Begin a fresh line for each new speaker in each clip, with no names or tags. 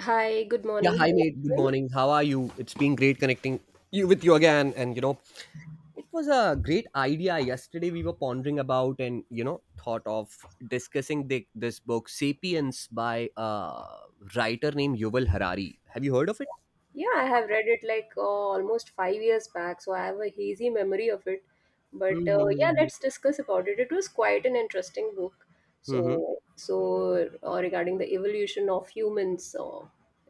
Hi, good
Yeah,
morning. How are
hi
you
mate. Good
doing?
morning. How are you? It's been great connecting you with you again. And you know, it was a great idea yesterday we were pondering about, and thought of discussing this book *Sapiens* by a writer named Yuval Harari. Have you heard of it?
Yeah, I have read it like almost 5 years back, so I have a hazy memory of it. But yeah,
Mm-hmm.
let's discuss about it. It was quite an interesting book.
Mm-hmm.
So, regarding the evolution of humans,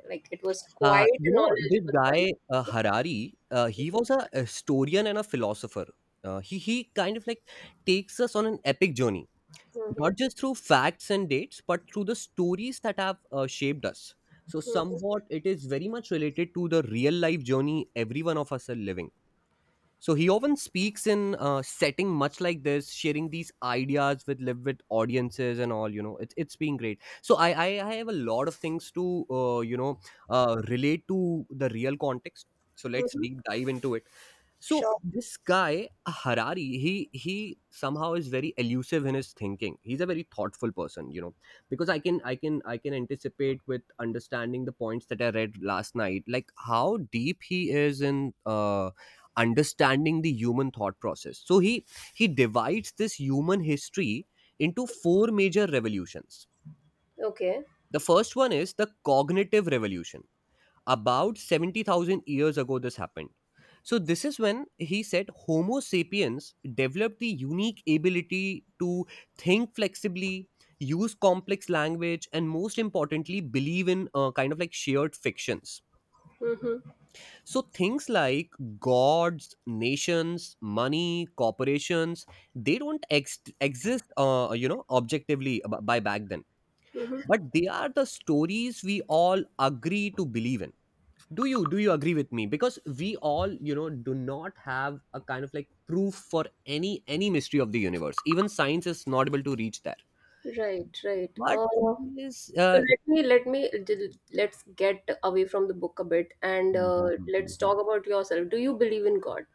like it was quite a
This
knowledgeable
guy
one.
Harari, he
Yeah.
was a historian and a philosopher. He kind of like takes us on an epic journey,
Mm-hmm.
not just through facts and dates, but through the stories that have shaped us. So,
Hmm,
somewhat it is very much related to the real life journey every one of us are living. So, he often speaks in setting much like this, sharing these ideas with live with audiences and all. You know, it's been great. So, I have a lot of things to relate to the real context. So, let's
hmm.
deep dive into it. So
Sure.
this guy Harari, he somehow is very elusive in his thinking. He's a very thoughtful person, you know, because I can anticipate with understanding the points that I read last night, like how deep he is in understanding the human thought process. So he divides this human history into four major revolutions.
Okay.
The first one is the cognitive revolution about 70,000 years ago, this happened. So, this is when he said Homo sapiens developed the unique ability to think flexibly, use complex language, and most importantly, believe in kind of like shared fictions.
Mm-hmm,
So, things like gods, nations, money, corporations, they don't ex- exist, objectively by back then.
mm-hmm.
But they are the stories we all agree to believe in. Do you agree with me, because we all, do not have a kind of like proof for any mystery of the universe? Even science is not able to reach there,
Right, right.
but thing is,
So let's get away from the book a bit and let's talk about yourself. Do you believe in God?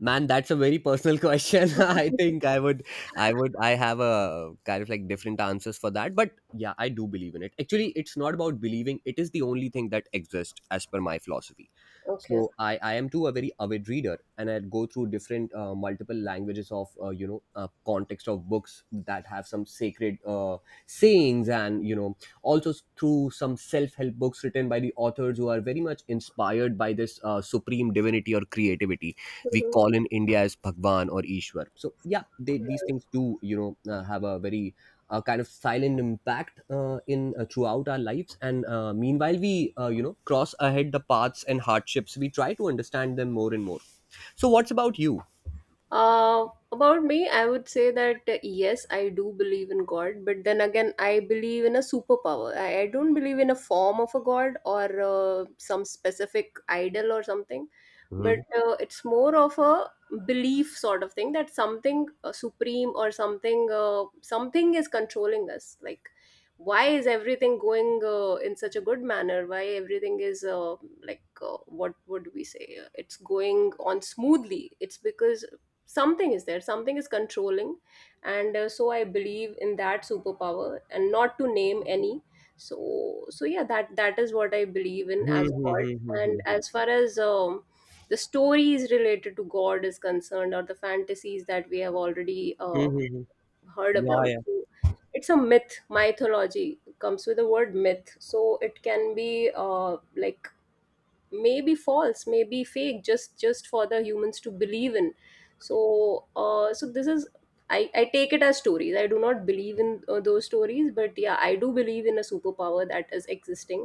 Man, that's a very personal question. I think I have a kind of like different answers for that. But yeah, I do believe in it. Actually, it's not about believing. It is the only thing that exists as per my philosophy.
Okay.
I am too a very avid reader, and I go through different multiple languages of context of books that have some sacred sayings, and also through some self-help books written by the authors who are very much inspired by this supreme divinity or creativity we
Mhm.
call in India as Bhagwan or Ishwar. So yeah, they, these
Right.
things, do you know have a very kind of silent impact in throughout our lives. And meanwhile, we cross ahead the paths and hardships. We try to understand them more and more. So what's about you?
About me, I would say that yes, I do believe in God, but then again, I believe in a superpower. I don't believe in a form of a God or some specific idol or something, but
Mhm.
it's more of a belief sort of thing that something supreme, or something is controlling us. Like, why is everything going in such a good manner? Why everything is like what would we say? It's going on smoothly. It's because something is there, something is controlling, and so I believe in that superpower, and not to name any. So, yeah, that is what I believe in
Mhm,
as
mhm,
God.
mhm,
And
mhm.
as far as the stories related to God is concerned, or the fantasies that we have already
Mhm, mhm.
heard
Yeah,
about,
yeah.
so it's a myth, mythology comes with the word myth, so it can be like, may be false, may be fake, just for the humans to believe in. So this is, I take it as stories. I do not believe in those stories, but yeah, I do believe in a superpower that is existing,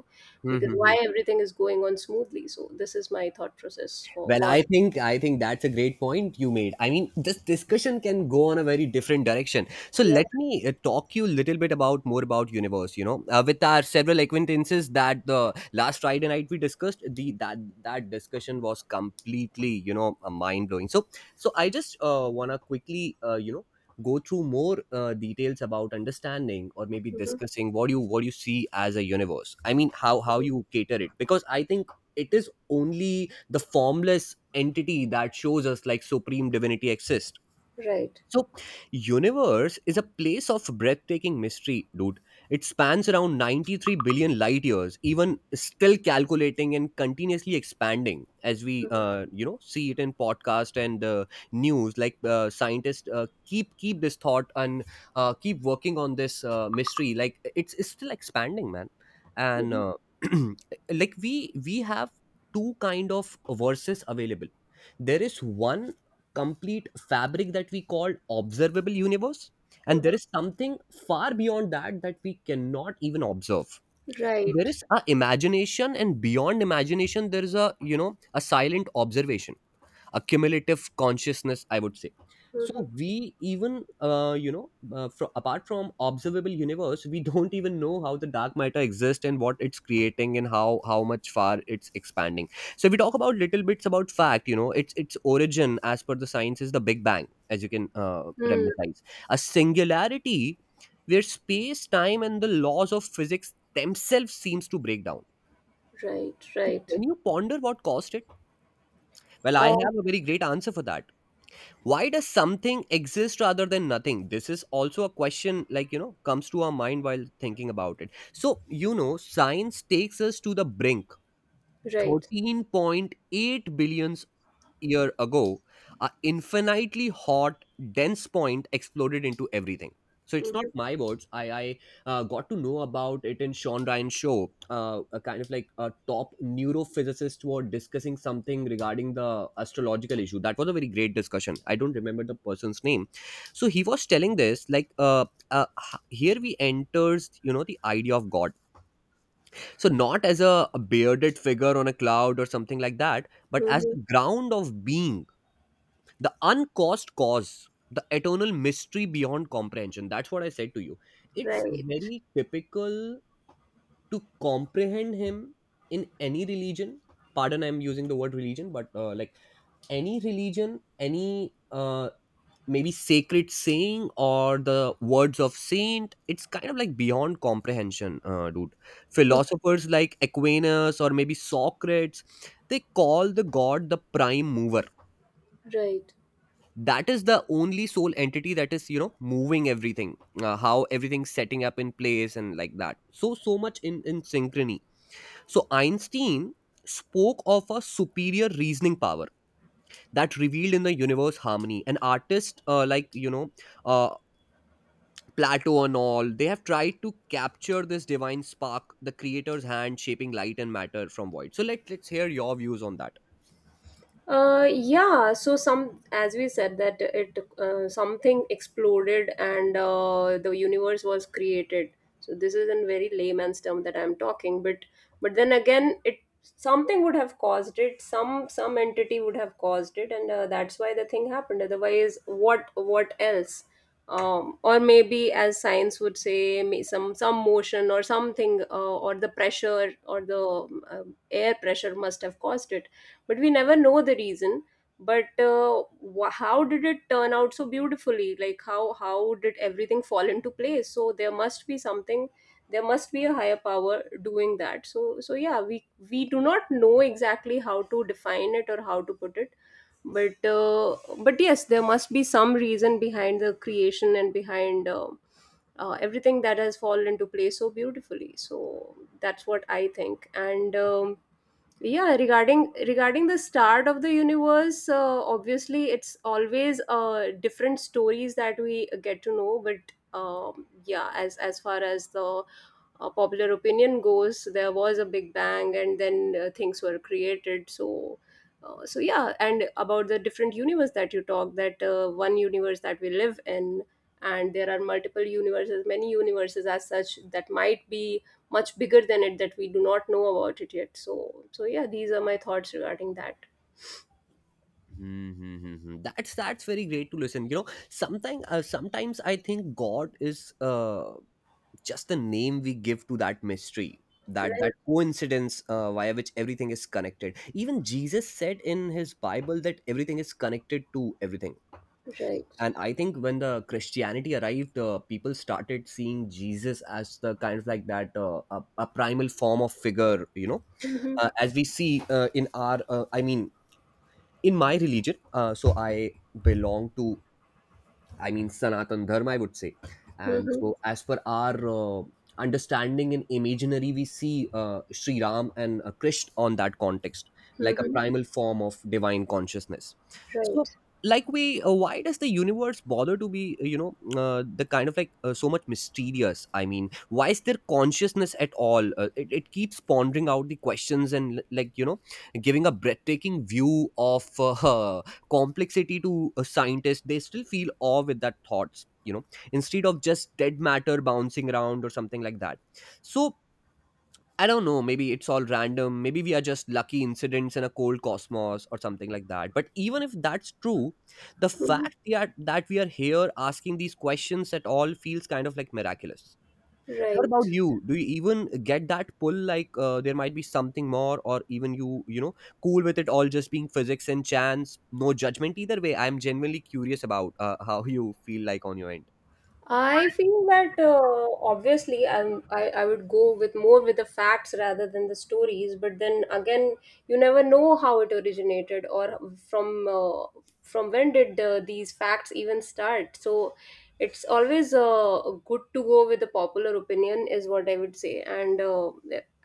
because
Mhm,
why
mhm.
everything is going on smoothly. So this is my thought process for
Well,
God.
I think that's a great point you made. I mean, this discussion can go on a very different direction. So
Yeah.
let me talk you a little bit about more about universe. You know, with our several acquaintances that the last Friday night we discussed, the that that discussion was completely, you know, mind blowing. So so I just wanna quickly go through more details about understanding, or maybe
Mhm.
discussing what you see as a universe. I mean, how you cater it, because I think it is only the formless entity that shows us like supreme divinity exists.
Right.
So, universe is a place of breathtaking mystery, dude. It spans around 93 billion light years, even still calculating and continuously expanding as we,
Mhm.
see it in podcast and news. Like scientists keep this thought and keep working on this mystery. Like it's still expanding, man. And
Mhm.
like we have two kind of verses available. There is one complete fabric that we call observable universe, and
Mhm.
there is something far beyond that that we cannot even observe. There
Right.
is a imagination, and beyond imagination there is a, you know, a silent observation, a cumulative consciousness, I would say.
Mhm.
So we even, uh, you know apart from observable universe, we don't even know how the dark matter exists and what it's creating and how much far it's expanding. So if we talk about little bits about fact, you know, its origin as per the science is the big bang. As you can
Hmm.
reminisce, a singularity where space time and the laws of physics themselves seems to break down.
Right.
So
Right.
can you ponder what caused it? Well, I
Oh.
have a very great answer for that. Why does something exist rather than nothing? This is also a question, like you know, comes to our mind while thinking about it. So you know science takes us to the brink.
Right.
13.8 billions year ago, a infinitely hot, dense point exploded into everything. So it's not
Mhm.
my words. I got to know about it in Sean Ryan's show. A kind of like a top neurophysicist were discussing something regarding the astrological issue. That was a very great discussion. I don't remember the person's name. So he was telling this like uh, here we enters, you know, the idea of God. So not as a bearded figure on a cloud or something like that, but as
Mhm.
the ground of being, the uncaused cause, the eternal mystery beyond comprehension. That's what I said to you. It's
Right.
very typical to comprehend him in any religion. Pardon, I'm using the word religion, but like any religion, any maybe sacred saying or the words of saint, it's kind of like beyond comprehension, dude.
Mhm.
Philosophers like Aquinas or maybe Socrates, they call the God the prime mover,
Right.
that is the only sole entity that is, you know, moving everything, how everything's setting up in place and like that, so so much in synchrony. So Einstein spoke of a superior reasoning power that revealed in the universe harmony, and artists, uh, Plato and all, they have tried to capture this divine spark, the creator's hand shaping light and matter from void. So let's hear your views on that.
Yeah, so some, as we said, that it something exploded and the universe was created. So this is in very layman's term that I'm talking, but then again, it something would have caused it. Some entity would have caused it, and that's why the thing happened. Otherwise, what else? Or maybe, as science would say, some motion or something, or the pressure, or the air pressure must have caused it. But we never know the reason. But how did it turn out so beautifully? Like how did everything fall into place? So there must be something. There must be a higher power doing that. So, yeah, we do not know exactly how to define it, or how to put it. But yes, there must be some reason behind the creation, and behind everything that has fallen into place so beautifully. So that's what I think. And yeah, regarding the start of the universe, obviously it's always different stories that we get to know. But yeah, as far as the popular opinion goes, there was a big bang, and then things were created, so so yeah. And about the different universe that you talk, that one universe that we live in, and there are multiple universes, many universes as such, that might be much bigger than it, that we do not know about it yet. So, yeah, these are my thoughts regarding that.
Hmm, hmm, hmm, hmm. That's very great to listen. You know, sometimes sometimes I think God is, just the name we give to that mystery, that
Right.
that coincidence via which everything is connected. Even Jesus said in his Bible that everything is connected to everything.
Right.
And I think when the Christianity arrived, people started seeing Jesus as the kind of like that a primal form of figure, you know,
Mm-hmm,
as we see in our I mean in my religion, so I belong to, I mean sanatan dharma, I would say. And
mm-hmm,
so as per our understanding in imaginary, we see Sri Ram and Krishna on that context, like a
mm-hmm.
primal form of divine consciousness. So
Right.
like we, why does the universe bother to be, you know, the kind of like so much mysterious? I mean, why is there consciousness at all? It keeps pondering out the questions, and like you know, giving a breathtaking view of complexity to a scientist. They still feel awe with that thoughts, you know, instead of just dead matter bouncing around or something like that. So I don't know, maybe it's all random, maybe we are just lucky incidents in a cold cosmos or something like that. But even if that's true, the
Mm-hmm.
fact that we are here asking these questions at all feels kind of like miraculous. What about
Right.
you? Do you even get that pull, like there might be something more, or even you, you know, cool with it all just being physics and chance? No judgment either way. I'm genuinely curious about how you feel like on your end.
I feel that obviously I would go with more with the facts rather than the stories, but then again, you never know how it originated, or from when did these facts even start. So it's always good to go with the popular opinion, is what I would say, and uh,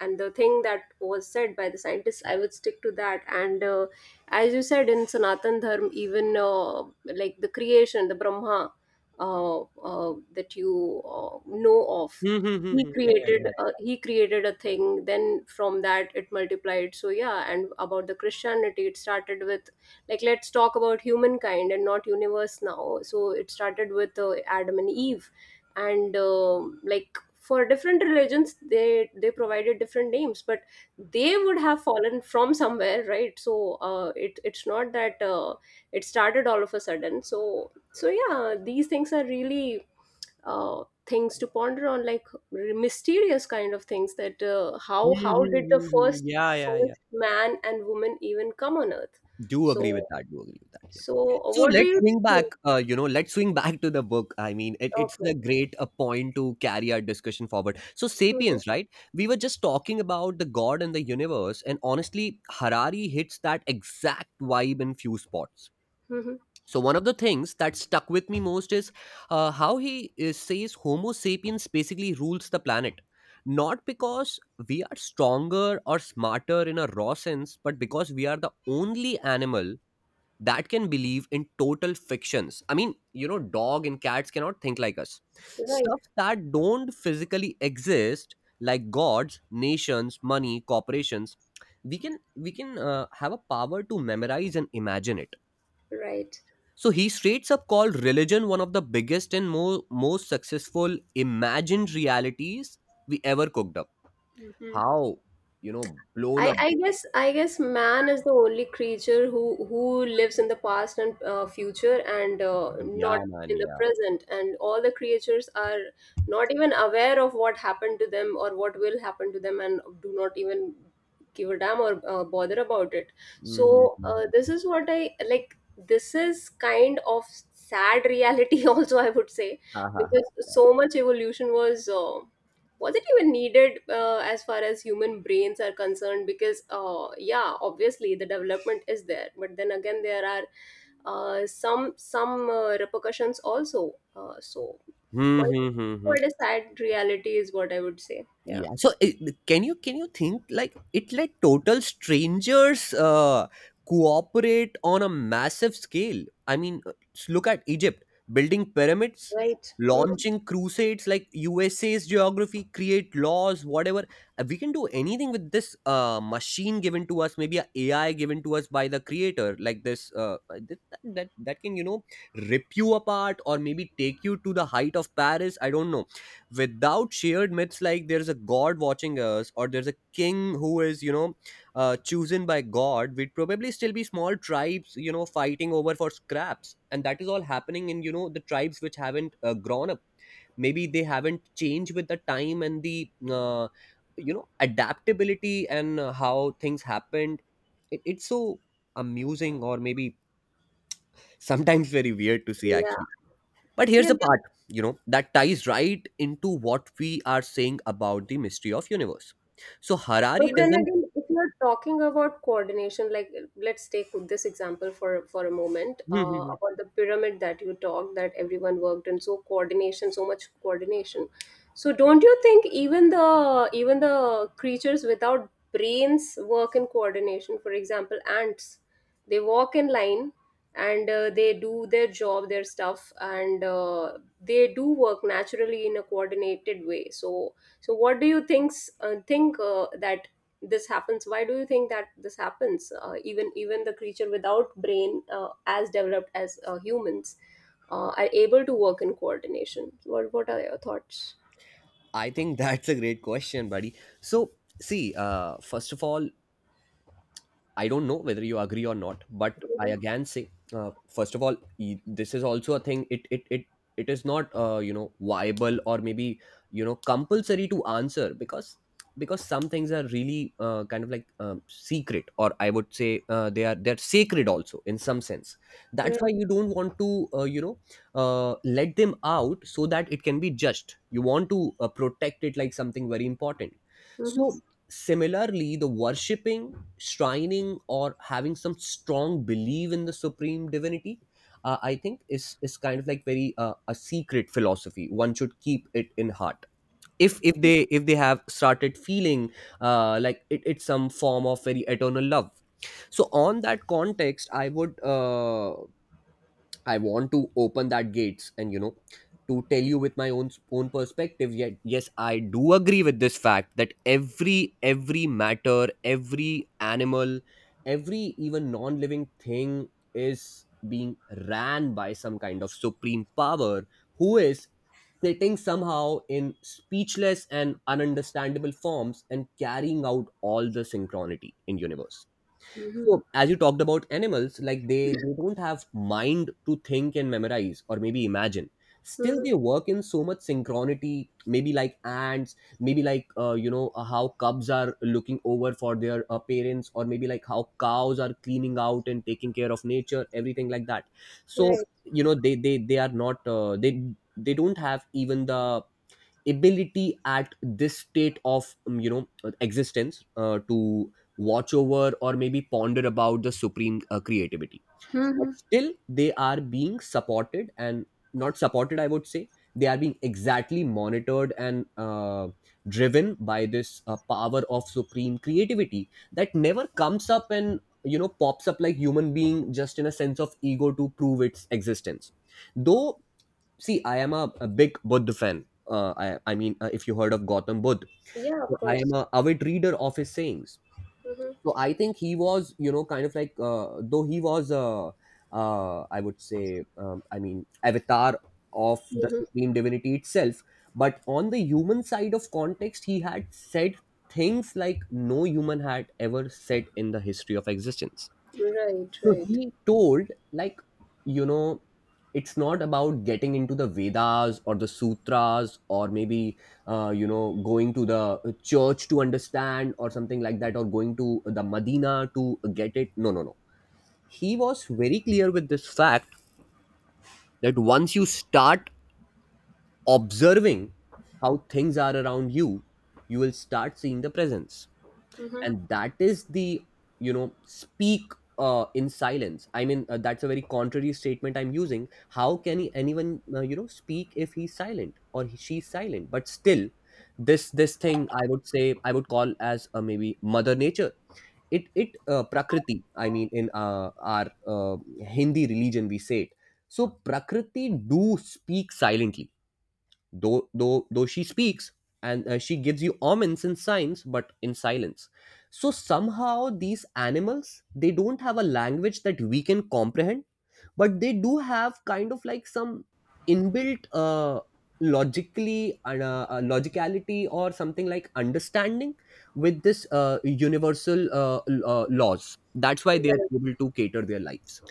and the thing that was said by the scientists, I would stick to that. And as you said in Sanatan Dharma, even like the creation, the Brahma that you know of,
Hmm, hmm, hmm,
he
hmm. Yeah, yeah,
created a,
exactly.
he created a thing, then from that it multiplied. So yeah. And about the Christianity, it started with, like, let's talk about humankind and not universe now. So it started with Adam and Eve, and like for different religions, they provided different names, but they would have fallen from somewhere, right? So it's not that it started all of a sudden. So, yeah, these things are really things to ponder on, like mysterious kind of things. That uh,
Hmm,
how how
hmm,
did the
hmm, hmm.
first
Yeah, yeah, yeah.
first man and woman even come on Earth?
Do agree with
so
that. Do agree with that. Yeah.
so uh,
So
what do
let's
you
swing
think?
back. You know, let's swing back to the book. I mean, it's
Okay.
a great point to carry our discussion forward. So
Hmm.
*Sapiens*, right? We were just talking about the God and the universe, and honestly, Harari hits that exact vibe in few spots.
Hmm.
So one of the things that stuck with me most is, how he says Homo sapiens basically rules the planet. Not because we are stronger or smarter in a raw sense, but because we are the only animal that can believe in total fictions. I mean, dog and cats cannot think like us.
Right.
Stuff that don't physically exist, like gods, nations, money, corporations, we can have a power to memorize and imagine it.
Right.
So he straight up called religion one of the biggest and more most successful imagined realities we ever cooked up.
Hmm.
How blown
I,
up?
I guess I guess man is the only creature who lives in the past and future, and
Yeah,
not
man.
in the
Yeah.
present. And all the creatures are not even aware of what happened to them, or what will happen to them, and do not even give a damn or bother about it.
Mm-hmm,
So this
mm-hmm.
is what I, like, this is kind of sad reality, also, I would say,
Ha ha ha.
because
Yeah.
so much evolution was it even needed, as far as human brains are concerned? Because yeah, obviously the development is there, but then again there are some repercussions, also, so,
Hmm,
quite
hmm, hmm, hmm.
quite a sad reality is what I would say. Yeah.
Yeah, so can you think like it, let total strangers cooperate on a massive scale. I mean, look at Egypt building pyramids,
Right. Mhm.
launching crusades, like USA's geography, create laws, whatever. We can do anything with this machine given to us, maybe a AI given to us by the creator, like this that can rip you apart, or maybe take you to the height of Paris, I don't know. Without shared myths, like there's a god watching us, or there's a king who is chosen by god, we'd probably still be small tribes, fighting over for scraps. And that is all happening in, the tribes which haven't grown up. Maybe they haven't changed with the time and the adaptability and how things happened. It's so amusing, or maybe sometimes very weird to see,
Yeah.
actually. But here's
Yeah.
the part, that ties right into what we are saying about the mystery of universe. So
But
Harari
then
doesn't.
again, if you're talking about coordination, like let's take this example for a moment, about the pyramid that you talked, that everyone worked in. So coordination, so much coordination. So don't you think even the creatures without brains work in coordination? For example, ants, they walk in line and they do their job, their stuff, and they do work naturally in a coordinated way. So, what do you think that this happens? Why do you think that this happens? Even the creature without brain, as developed as humans, are able to work in coordination. What are your thoughts?
I think that's a great question, buddy. So see, first of all, I don't know whether you agree or not, but I
Hmm.
again say, first of all, this is also a thing. It is not viable, or maybe compulsory to answer, because some things are really kind of like secret, or I would say they're sacred also in some sense. That's why
Right.
you don't want to let them out so that it can be judged. You want to protect it, like something very important.
Hmm.
So similarly, the worshipping, shrining, or having some strong belief in the supreme divinity, I think, is kind of like very a secret philosophy. One should keep it in heart, if they have started feeling like it's some form of very eternal love. So on that context, I want to open that gates and, to tell you with my own perspective. Yet, yes, I do agree with this fact that every matter, every animal, every even non living thing is being ran by some kind of supreme power, who is sitting somehow in speechless and ununderstandable forms, and carrying out all the synchronicity in universe.
Hmm.
So, as you talked about animals, like they don't have mind to think and memorize, or maybe imagine. Still,
Hmm.
they work in so much synchronicity. Maybe like ants, maybe like, how cubs are looking over for their parents, or maybe like how cows are cleaning out and taking care of nature, everything like that. So,
Right.
they don't have even the ability at this state of existence to watch over, or maybe ponder about the supreme creativity, but still they are being supported — and not supported, I would say, they are being exactly monitored and driven by this power of supreme creativity, that never comes up and pops up like human being, just in a sense of ego to prove its existence, though. See, I am a big Buddha fan. I mean, if you heard of Gautam Buddha,
Yeah.
so
Of
I am
course.
a avid reader of his sayings.
Hmm.
So I think he was, kind of like, though he was, I would say, I mean, avatar of the
Hmm.
supreme divinity itself. But on the human side of context, he had said things like no human had ever said in the history of existence.
Right.
So
Right.
he told, like, you know, it's not about getting into the Vedas or the sutras, or maybe, going to the church to understand or something like that, or going to the Medina to get it. No, no, no. He was very clear with this fact that once you start observing how things are around you, you will start seeing the presence,
Hmm.
and that is the speak in silence. I mean, that's a very contrary statement I'm using. How can anyone speak if he's silent, or she's silent, but still this thing, I would call as maybe mother nature. It Prakriti, I mean, in our uh, Hindi religion, we say it. So Prakriti do speak silently. Though she speaks and she gives you omens and signs, but in silence. So somehow these animals, they don't have a language that we can comprehend, but they do have kind of like some inbuilt logically and logicality, or something like understanding with this universal laws. That's why they are
Right.
able to cater their lives.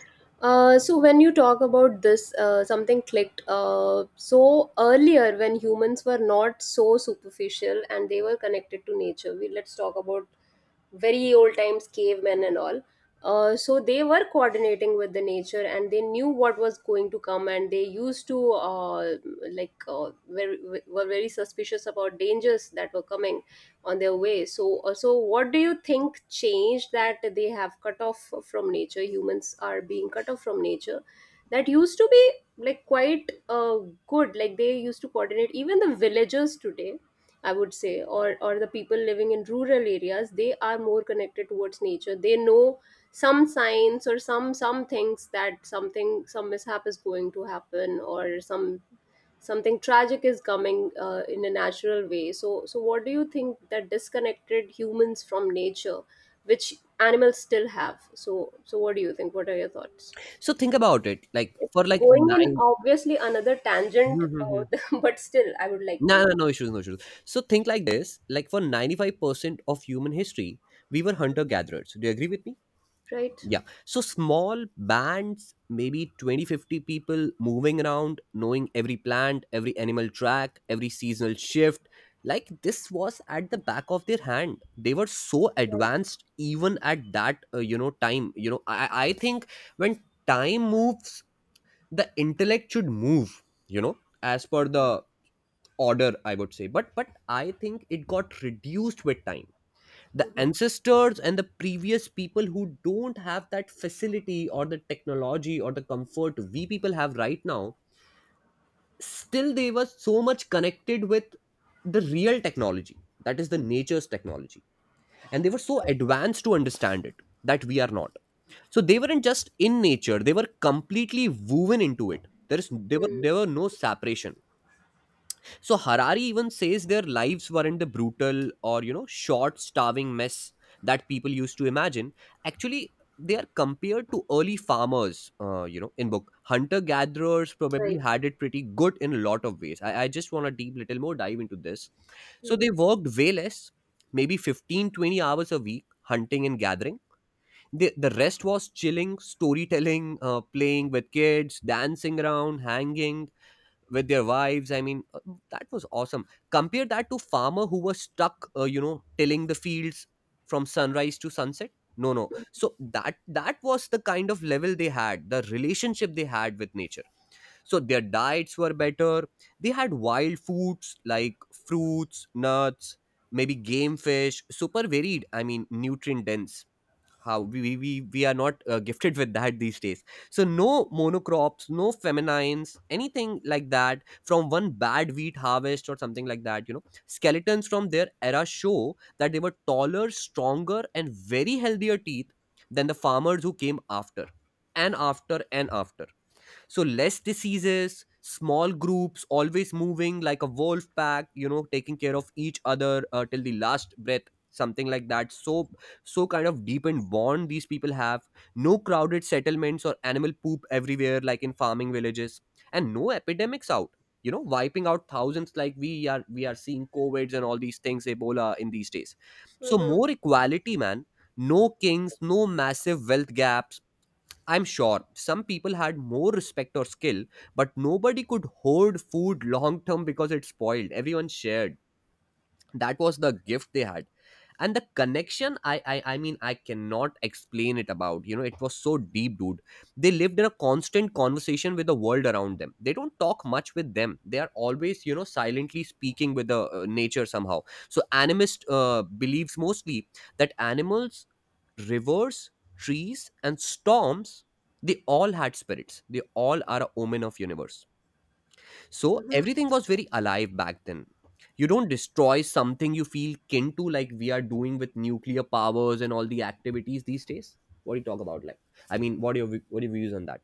So when you talk about this, something clicked. So earlier, when humans were not so superficial and they were connected to nature, we let's talk about very old times, cavemen and all. So they were coordinating with the nature, and they knew what was going to come, and they used to like, were very suspicious about dangers that were coming on their way. So what do you think changed, that they have cut off from nature? Humans are being cut off from nature. That used to be, like, quite good. Like, they used to coordinate. Even the villagers today, I would say, or the people living in rural areas, they are more connected towards nature. They know some signs, or some things, that something, some mishap is going to happen, or something tragic is coming, in a natural way. So, what do you think that disconnected humans from nature, which animals still have? So, what do you think? What are your thoughts?
So think about it, like
It's
for like
going in,
nine.
obviously, another tangent but still I would like to
No,
know.
no, no issues, no issues. So think like this: like for 95% of human history, we were hunter-gatherers. Do you agree with me?
Right.
Yeah. So small bands, maybe 20, 50 people moving around, knowing every plant, every animal track, every seasonal shift. Like this was at the back of their hand. They were so
Right.
advanced even at that, time. I think when time moves, the intellect should move. As per the order, I would say, but I think it got reduced with time. The
Mm-hmm.
ancestors and the previous people, who don't have that facility or the technology or the comfort we people have right now, still they were so much connected with the real technology, that is the nature's technology, and they were so advanced to understand it that we are not. So they weren't just in nature, they were completely woven into it. There were no separation. So Harari even says their lives weren't the brutal, or, short, starving mess that people used to imagine. Actually, they are compared to early farmers, in book. Hunter gatherers probably
Right.
had it pretty good in a lot of ways. I just want to deep little more dive into this. So they worked way less, maybe 15 to 20 hours a week, hunting and gathering. The rest was chilling, storytelling, playing with kids, dancing around, hanging with their wives. I mean, that was awesome. Compare that to farmer who was stuck, tilling the fields from sunrise to sunset. No, no. So that was the kind of level they had, the relationship they had with nature. So their diets were better. They had wild foods like fruits, nuts, maybe game fish, super varied. I mean, nutrient dense. How we are not gifted with that these days. So no monocrops, no feminines, anything like that, from one bad wheat harvest or something like that. You know skeletons from their era show that they were taller, stronger, and very healthier teeth than the farmers who came after and after and after. So less diseases, small groups always moving like a wolf pack, taking care of each other till the last breath, something like that. So so kind of deepened bond these people have. No crowded settlements or animal poop everywhere, like in farming villages. And no epidemics out, wiping out thousands, like we are seeing COVIDs and all these things, Ebola in these days. So
Mm-hmm.
more equality, man. No kings, no massive wealth gaps. I'm sure some people had more respect or skill, but nobody could hoard food long term because it spoiled. Everyone shared, that was the gift they had. And the connection, I mean, I cannot explain it about, it was so deep, dude. They lived in a constant conversation with the world around them. They don't talk much with them, they are always silently speaking with the nature, somehow. So animist believes, mostly, that animals, rivers, trees, and storms, they all had spirits, they all are a omen of universe. So
Hmm.
everything was very alive back then. You don't destroy something you feel kin to, like we are doing with nuclear powers and all the activities these days. What do you talk about? Like, what are your views on that?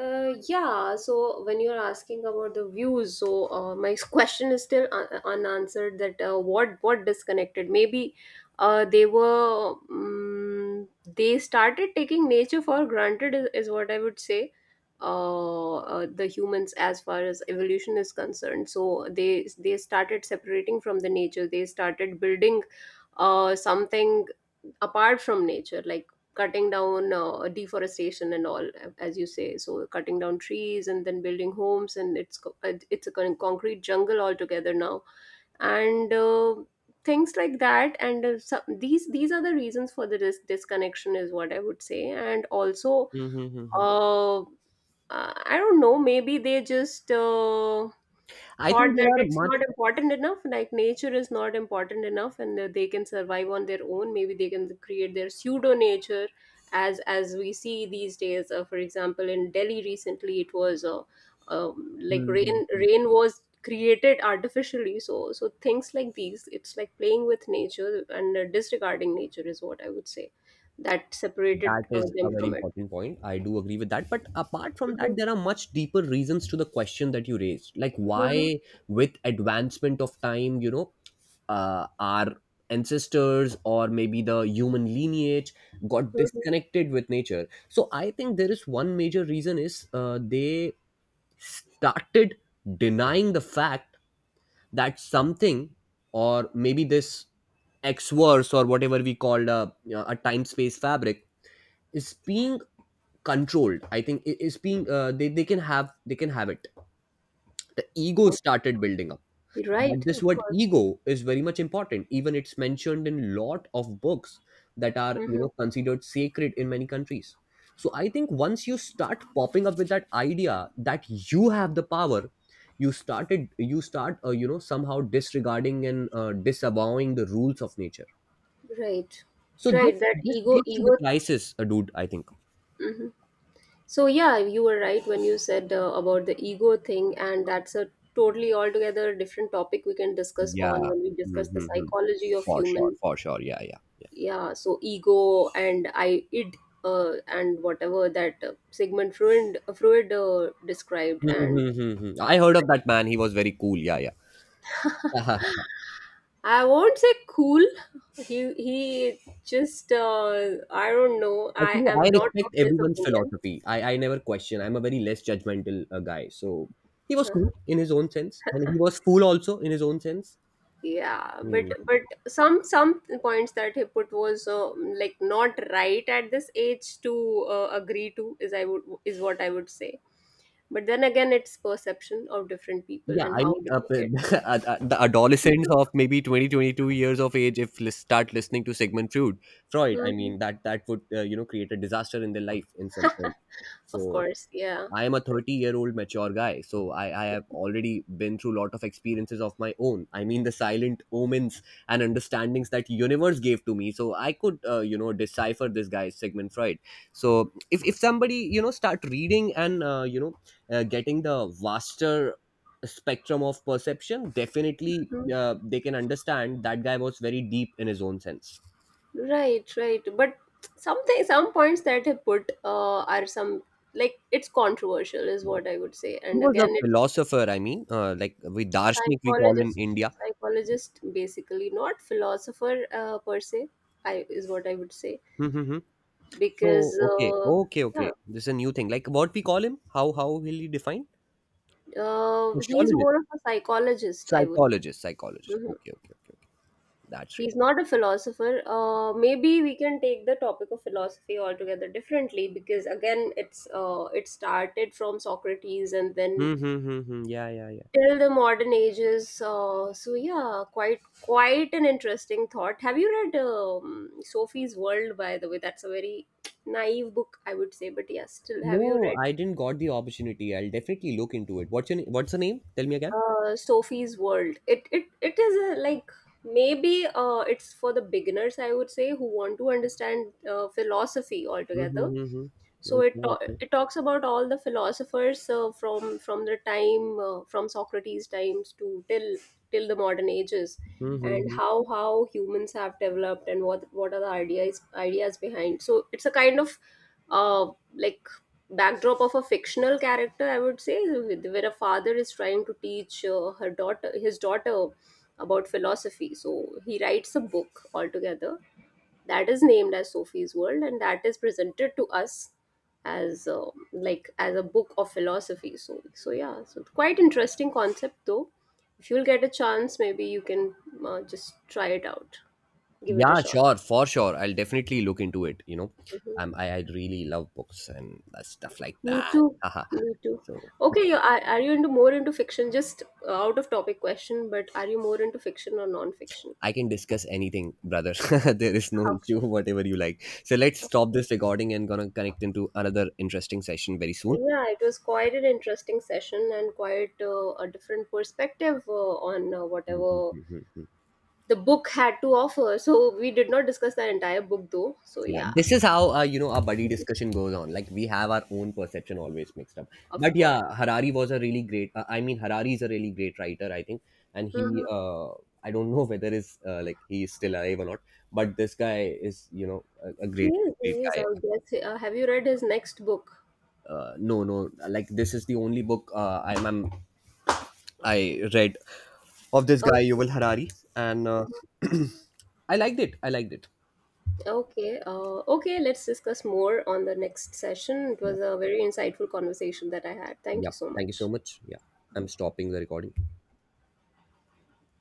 Yeah, so when you're asking about the views, my question is still unanswered, that what disconnected? Maybe they started taking nature for granted, is what I would say. The humans, as far as evolution is concerned, so they started separating from the nature. They started building something apart from nature, like cutting down, deforestation and all, as you say, so cutting down trees and then building homes, and it's a concrete jungle altogether now, and things like that. And these are the reasons for the disconnection, is what I would say. And also,
Mhm, mhm, mhm.
uh, i I don't know, maybe they just
I
thought
think
that
there are
it's
much.
not important enough, like nature is not important enough, and that they can survive on their own. Maybe they can create their pseudo nature, as we see these days. For example, in Delhi recently it was, like,
Mhm,
rain
mhm.
rain was created artificially. So, things like these, it's like playing with nature and disregarding nature, is what I would say, that separated
That is
them
a very
from it.
important point. I do agree with that. But apart from
Mhm,
that, there are much deeper reasons to the question that you raised. Like,
mhm,
why, with advancement of time, our ancestors or maybe the human lineage got
mhm.
disconnected with nature. So, I think there is one major reason is they started denying the fact that something or maybe this X verse or whatever we called a time space fabric is being controlled. I think it is being they can have it the ego started building up. But
Right.
this
Of
word
course.
ego is very much important, even it's mentioned in lot of books that are, you
Mhm.
know, considered sacred in many countries. So I think once you start popping up with that idea that you have the power, you started you start you know, somehow disregarding and disavowing the rules of nature.
Right,
So this,
right. That
this
ego,
leads to the
ego.
crisis, dude, I think.
Hmm. So yeah, you were right when you said about the ego thing, and that's a totally altogether different topic we can discuss on
Yeah.
when we discuss the
Mhm.
psychology of
For
human.
sure, for sure. Yeah, yeah.
Yeah, so ego and I, id, and whatever that Sigmund Freud described,
Hmm,
and
hmm, hmm, hmm. I heard of that man. He was very cool. Yeah, yeah. Uh-huh.
I won't say cool. He just, I don't know. I
Actually,
am
I
not of
respect
his
everyone's
opinion.
philosophy. I never question. I'm a very less judgmental guy. So he was
Uh,
cool in his own sense, and he was cool also in his own sense.
Yeah, but
Hmm.
but some points that he put was like not right at this age to agree to, is what I would say. But then again, it's perception of different people
Yeah,
and
I mean,
how they take it.
the adolescents of maybe 20, 22 years of age, if start listening to Sigmund Freud, Freud, I
Hmm.
mean, that would, you know, create a disaster in their life in some sense.
Of
So
course, yeah.
I am a 30-year-old mature guy, so I have already been through a lot of experiences of my own. I mean, the silent omens and understandings that universe gave to me, so I could, you know, decipher this guy Sigmund Freud. So if somebody, you know, start reading and, getting the vaster spectrum of perception, definitely
Mm.
they can understand that guy was very deep in his own sense.
Right, right. But something, some points that he put are some, like, it's controversial, is what I would say.
He
And
was a
again, it,
philosopher. I mean, like we Darshnik we call in
psychologist
India.
psychologist basically, not philosopher per se, I is what I would say. Because
So, okay, okay,
yeah,
okay. This is a new thing. Like, what we call him? How will he define?
he's
Sociologist,
more of a psychologist, I would.
psychologist, psychologist.
Mhm.
Okay, okay, okay, okay. That's right.
He's not a philosopher. Maybe we can take the topic of philosophy altogether differently, because again it started from Socrates, and then
Hmm, hmm, hmm, hmm. Yeah, yeah, yeah.
till the modern ages. So yeah, quite an interesting thought. Have you read *Sophie's World*? By the way, that's a very naive book, I would say. But yeah, still, have you
No,
read
I didn't got the opportunity. I'll definitely look into it. What's the name? Tell me again.
*Sophie's World*? It is like maybe it's for the beginners, I would say, who want to understand philosophy
Hmm, hmm,
altogether.
hmm, hmm.
so it
Okay,
ta-
okay.
it talks about all the philosophers, from the time, from Socrates times to till the modern ages,
Hmm, hmm,
and
hmm.
how humans have developed, and what are the ideas behind. So it's a kind of uh, like backdrop of a fictional character, I would say, where a father is trying to teach her daughter his daughter about philosophy. So he writes a book altogether that is named as *Sophie's World*, and that is presented to us as like as a book of philosophy. So, yeah, so quite interesting concept though. If you'll get a chance, maybe you can just try it out, give it a
Yeah,
shot.
sure, for sure. I'll definitely look into it. You know,
Mhm.
I really love books and stuff like
Me
that.
too.
Haha.
Me too.
So
Okay, are you into more into fiction? Just out of topic question, but are you more into fiction or non-fiction?
I can discuss anything, brother. There is no issue, whatever you like. So let's stop
Okay.
this recording and gonna connect into another interesting session very soon.
Yeah, it was quite an interesting session, and quite a different perspective on
Mhm, mhm,
whatever
mhm.
the book had to offer. So we did not discuss the entire book though. So
Yeah,
yeah,
this is how, our buddy discussion goes on. Like, we have our own perception always mixed up.
of
But
course.
yeah, Harari was a really great. I mean, Harari is a really great writer, I think, and he.
Hmm.
Uh, I don't know whether is, like, he is still alive or not, but this guy is, you know, a great great
He is,
guy.
I guess. Have you read his next book?
No, no, like, this is the only book I read of this
Oh.
guy Yuval Harari, and
Mhm.
I liked it. I liked it.
Okay. Okay, let's discuss more on the next session. It
Yeah.
was a very insightful conversation that I had. Thank
Yeah.
you so
Thank you
much.
so much. Yeah. I'm stopping the recording.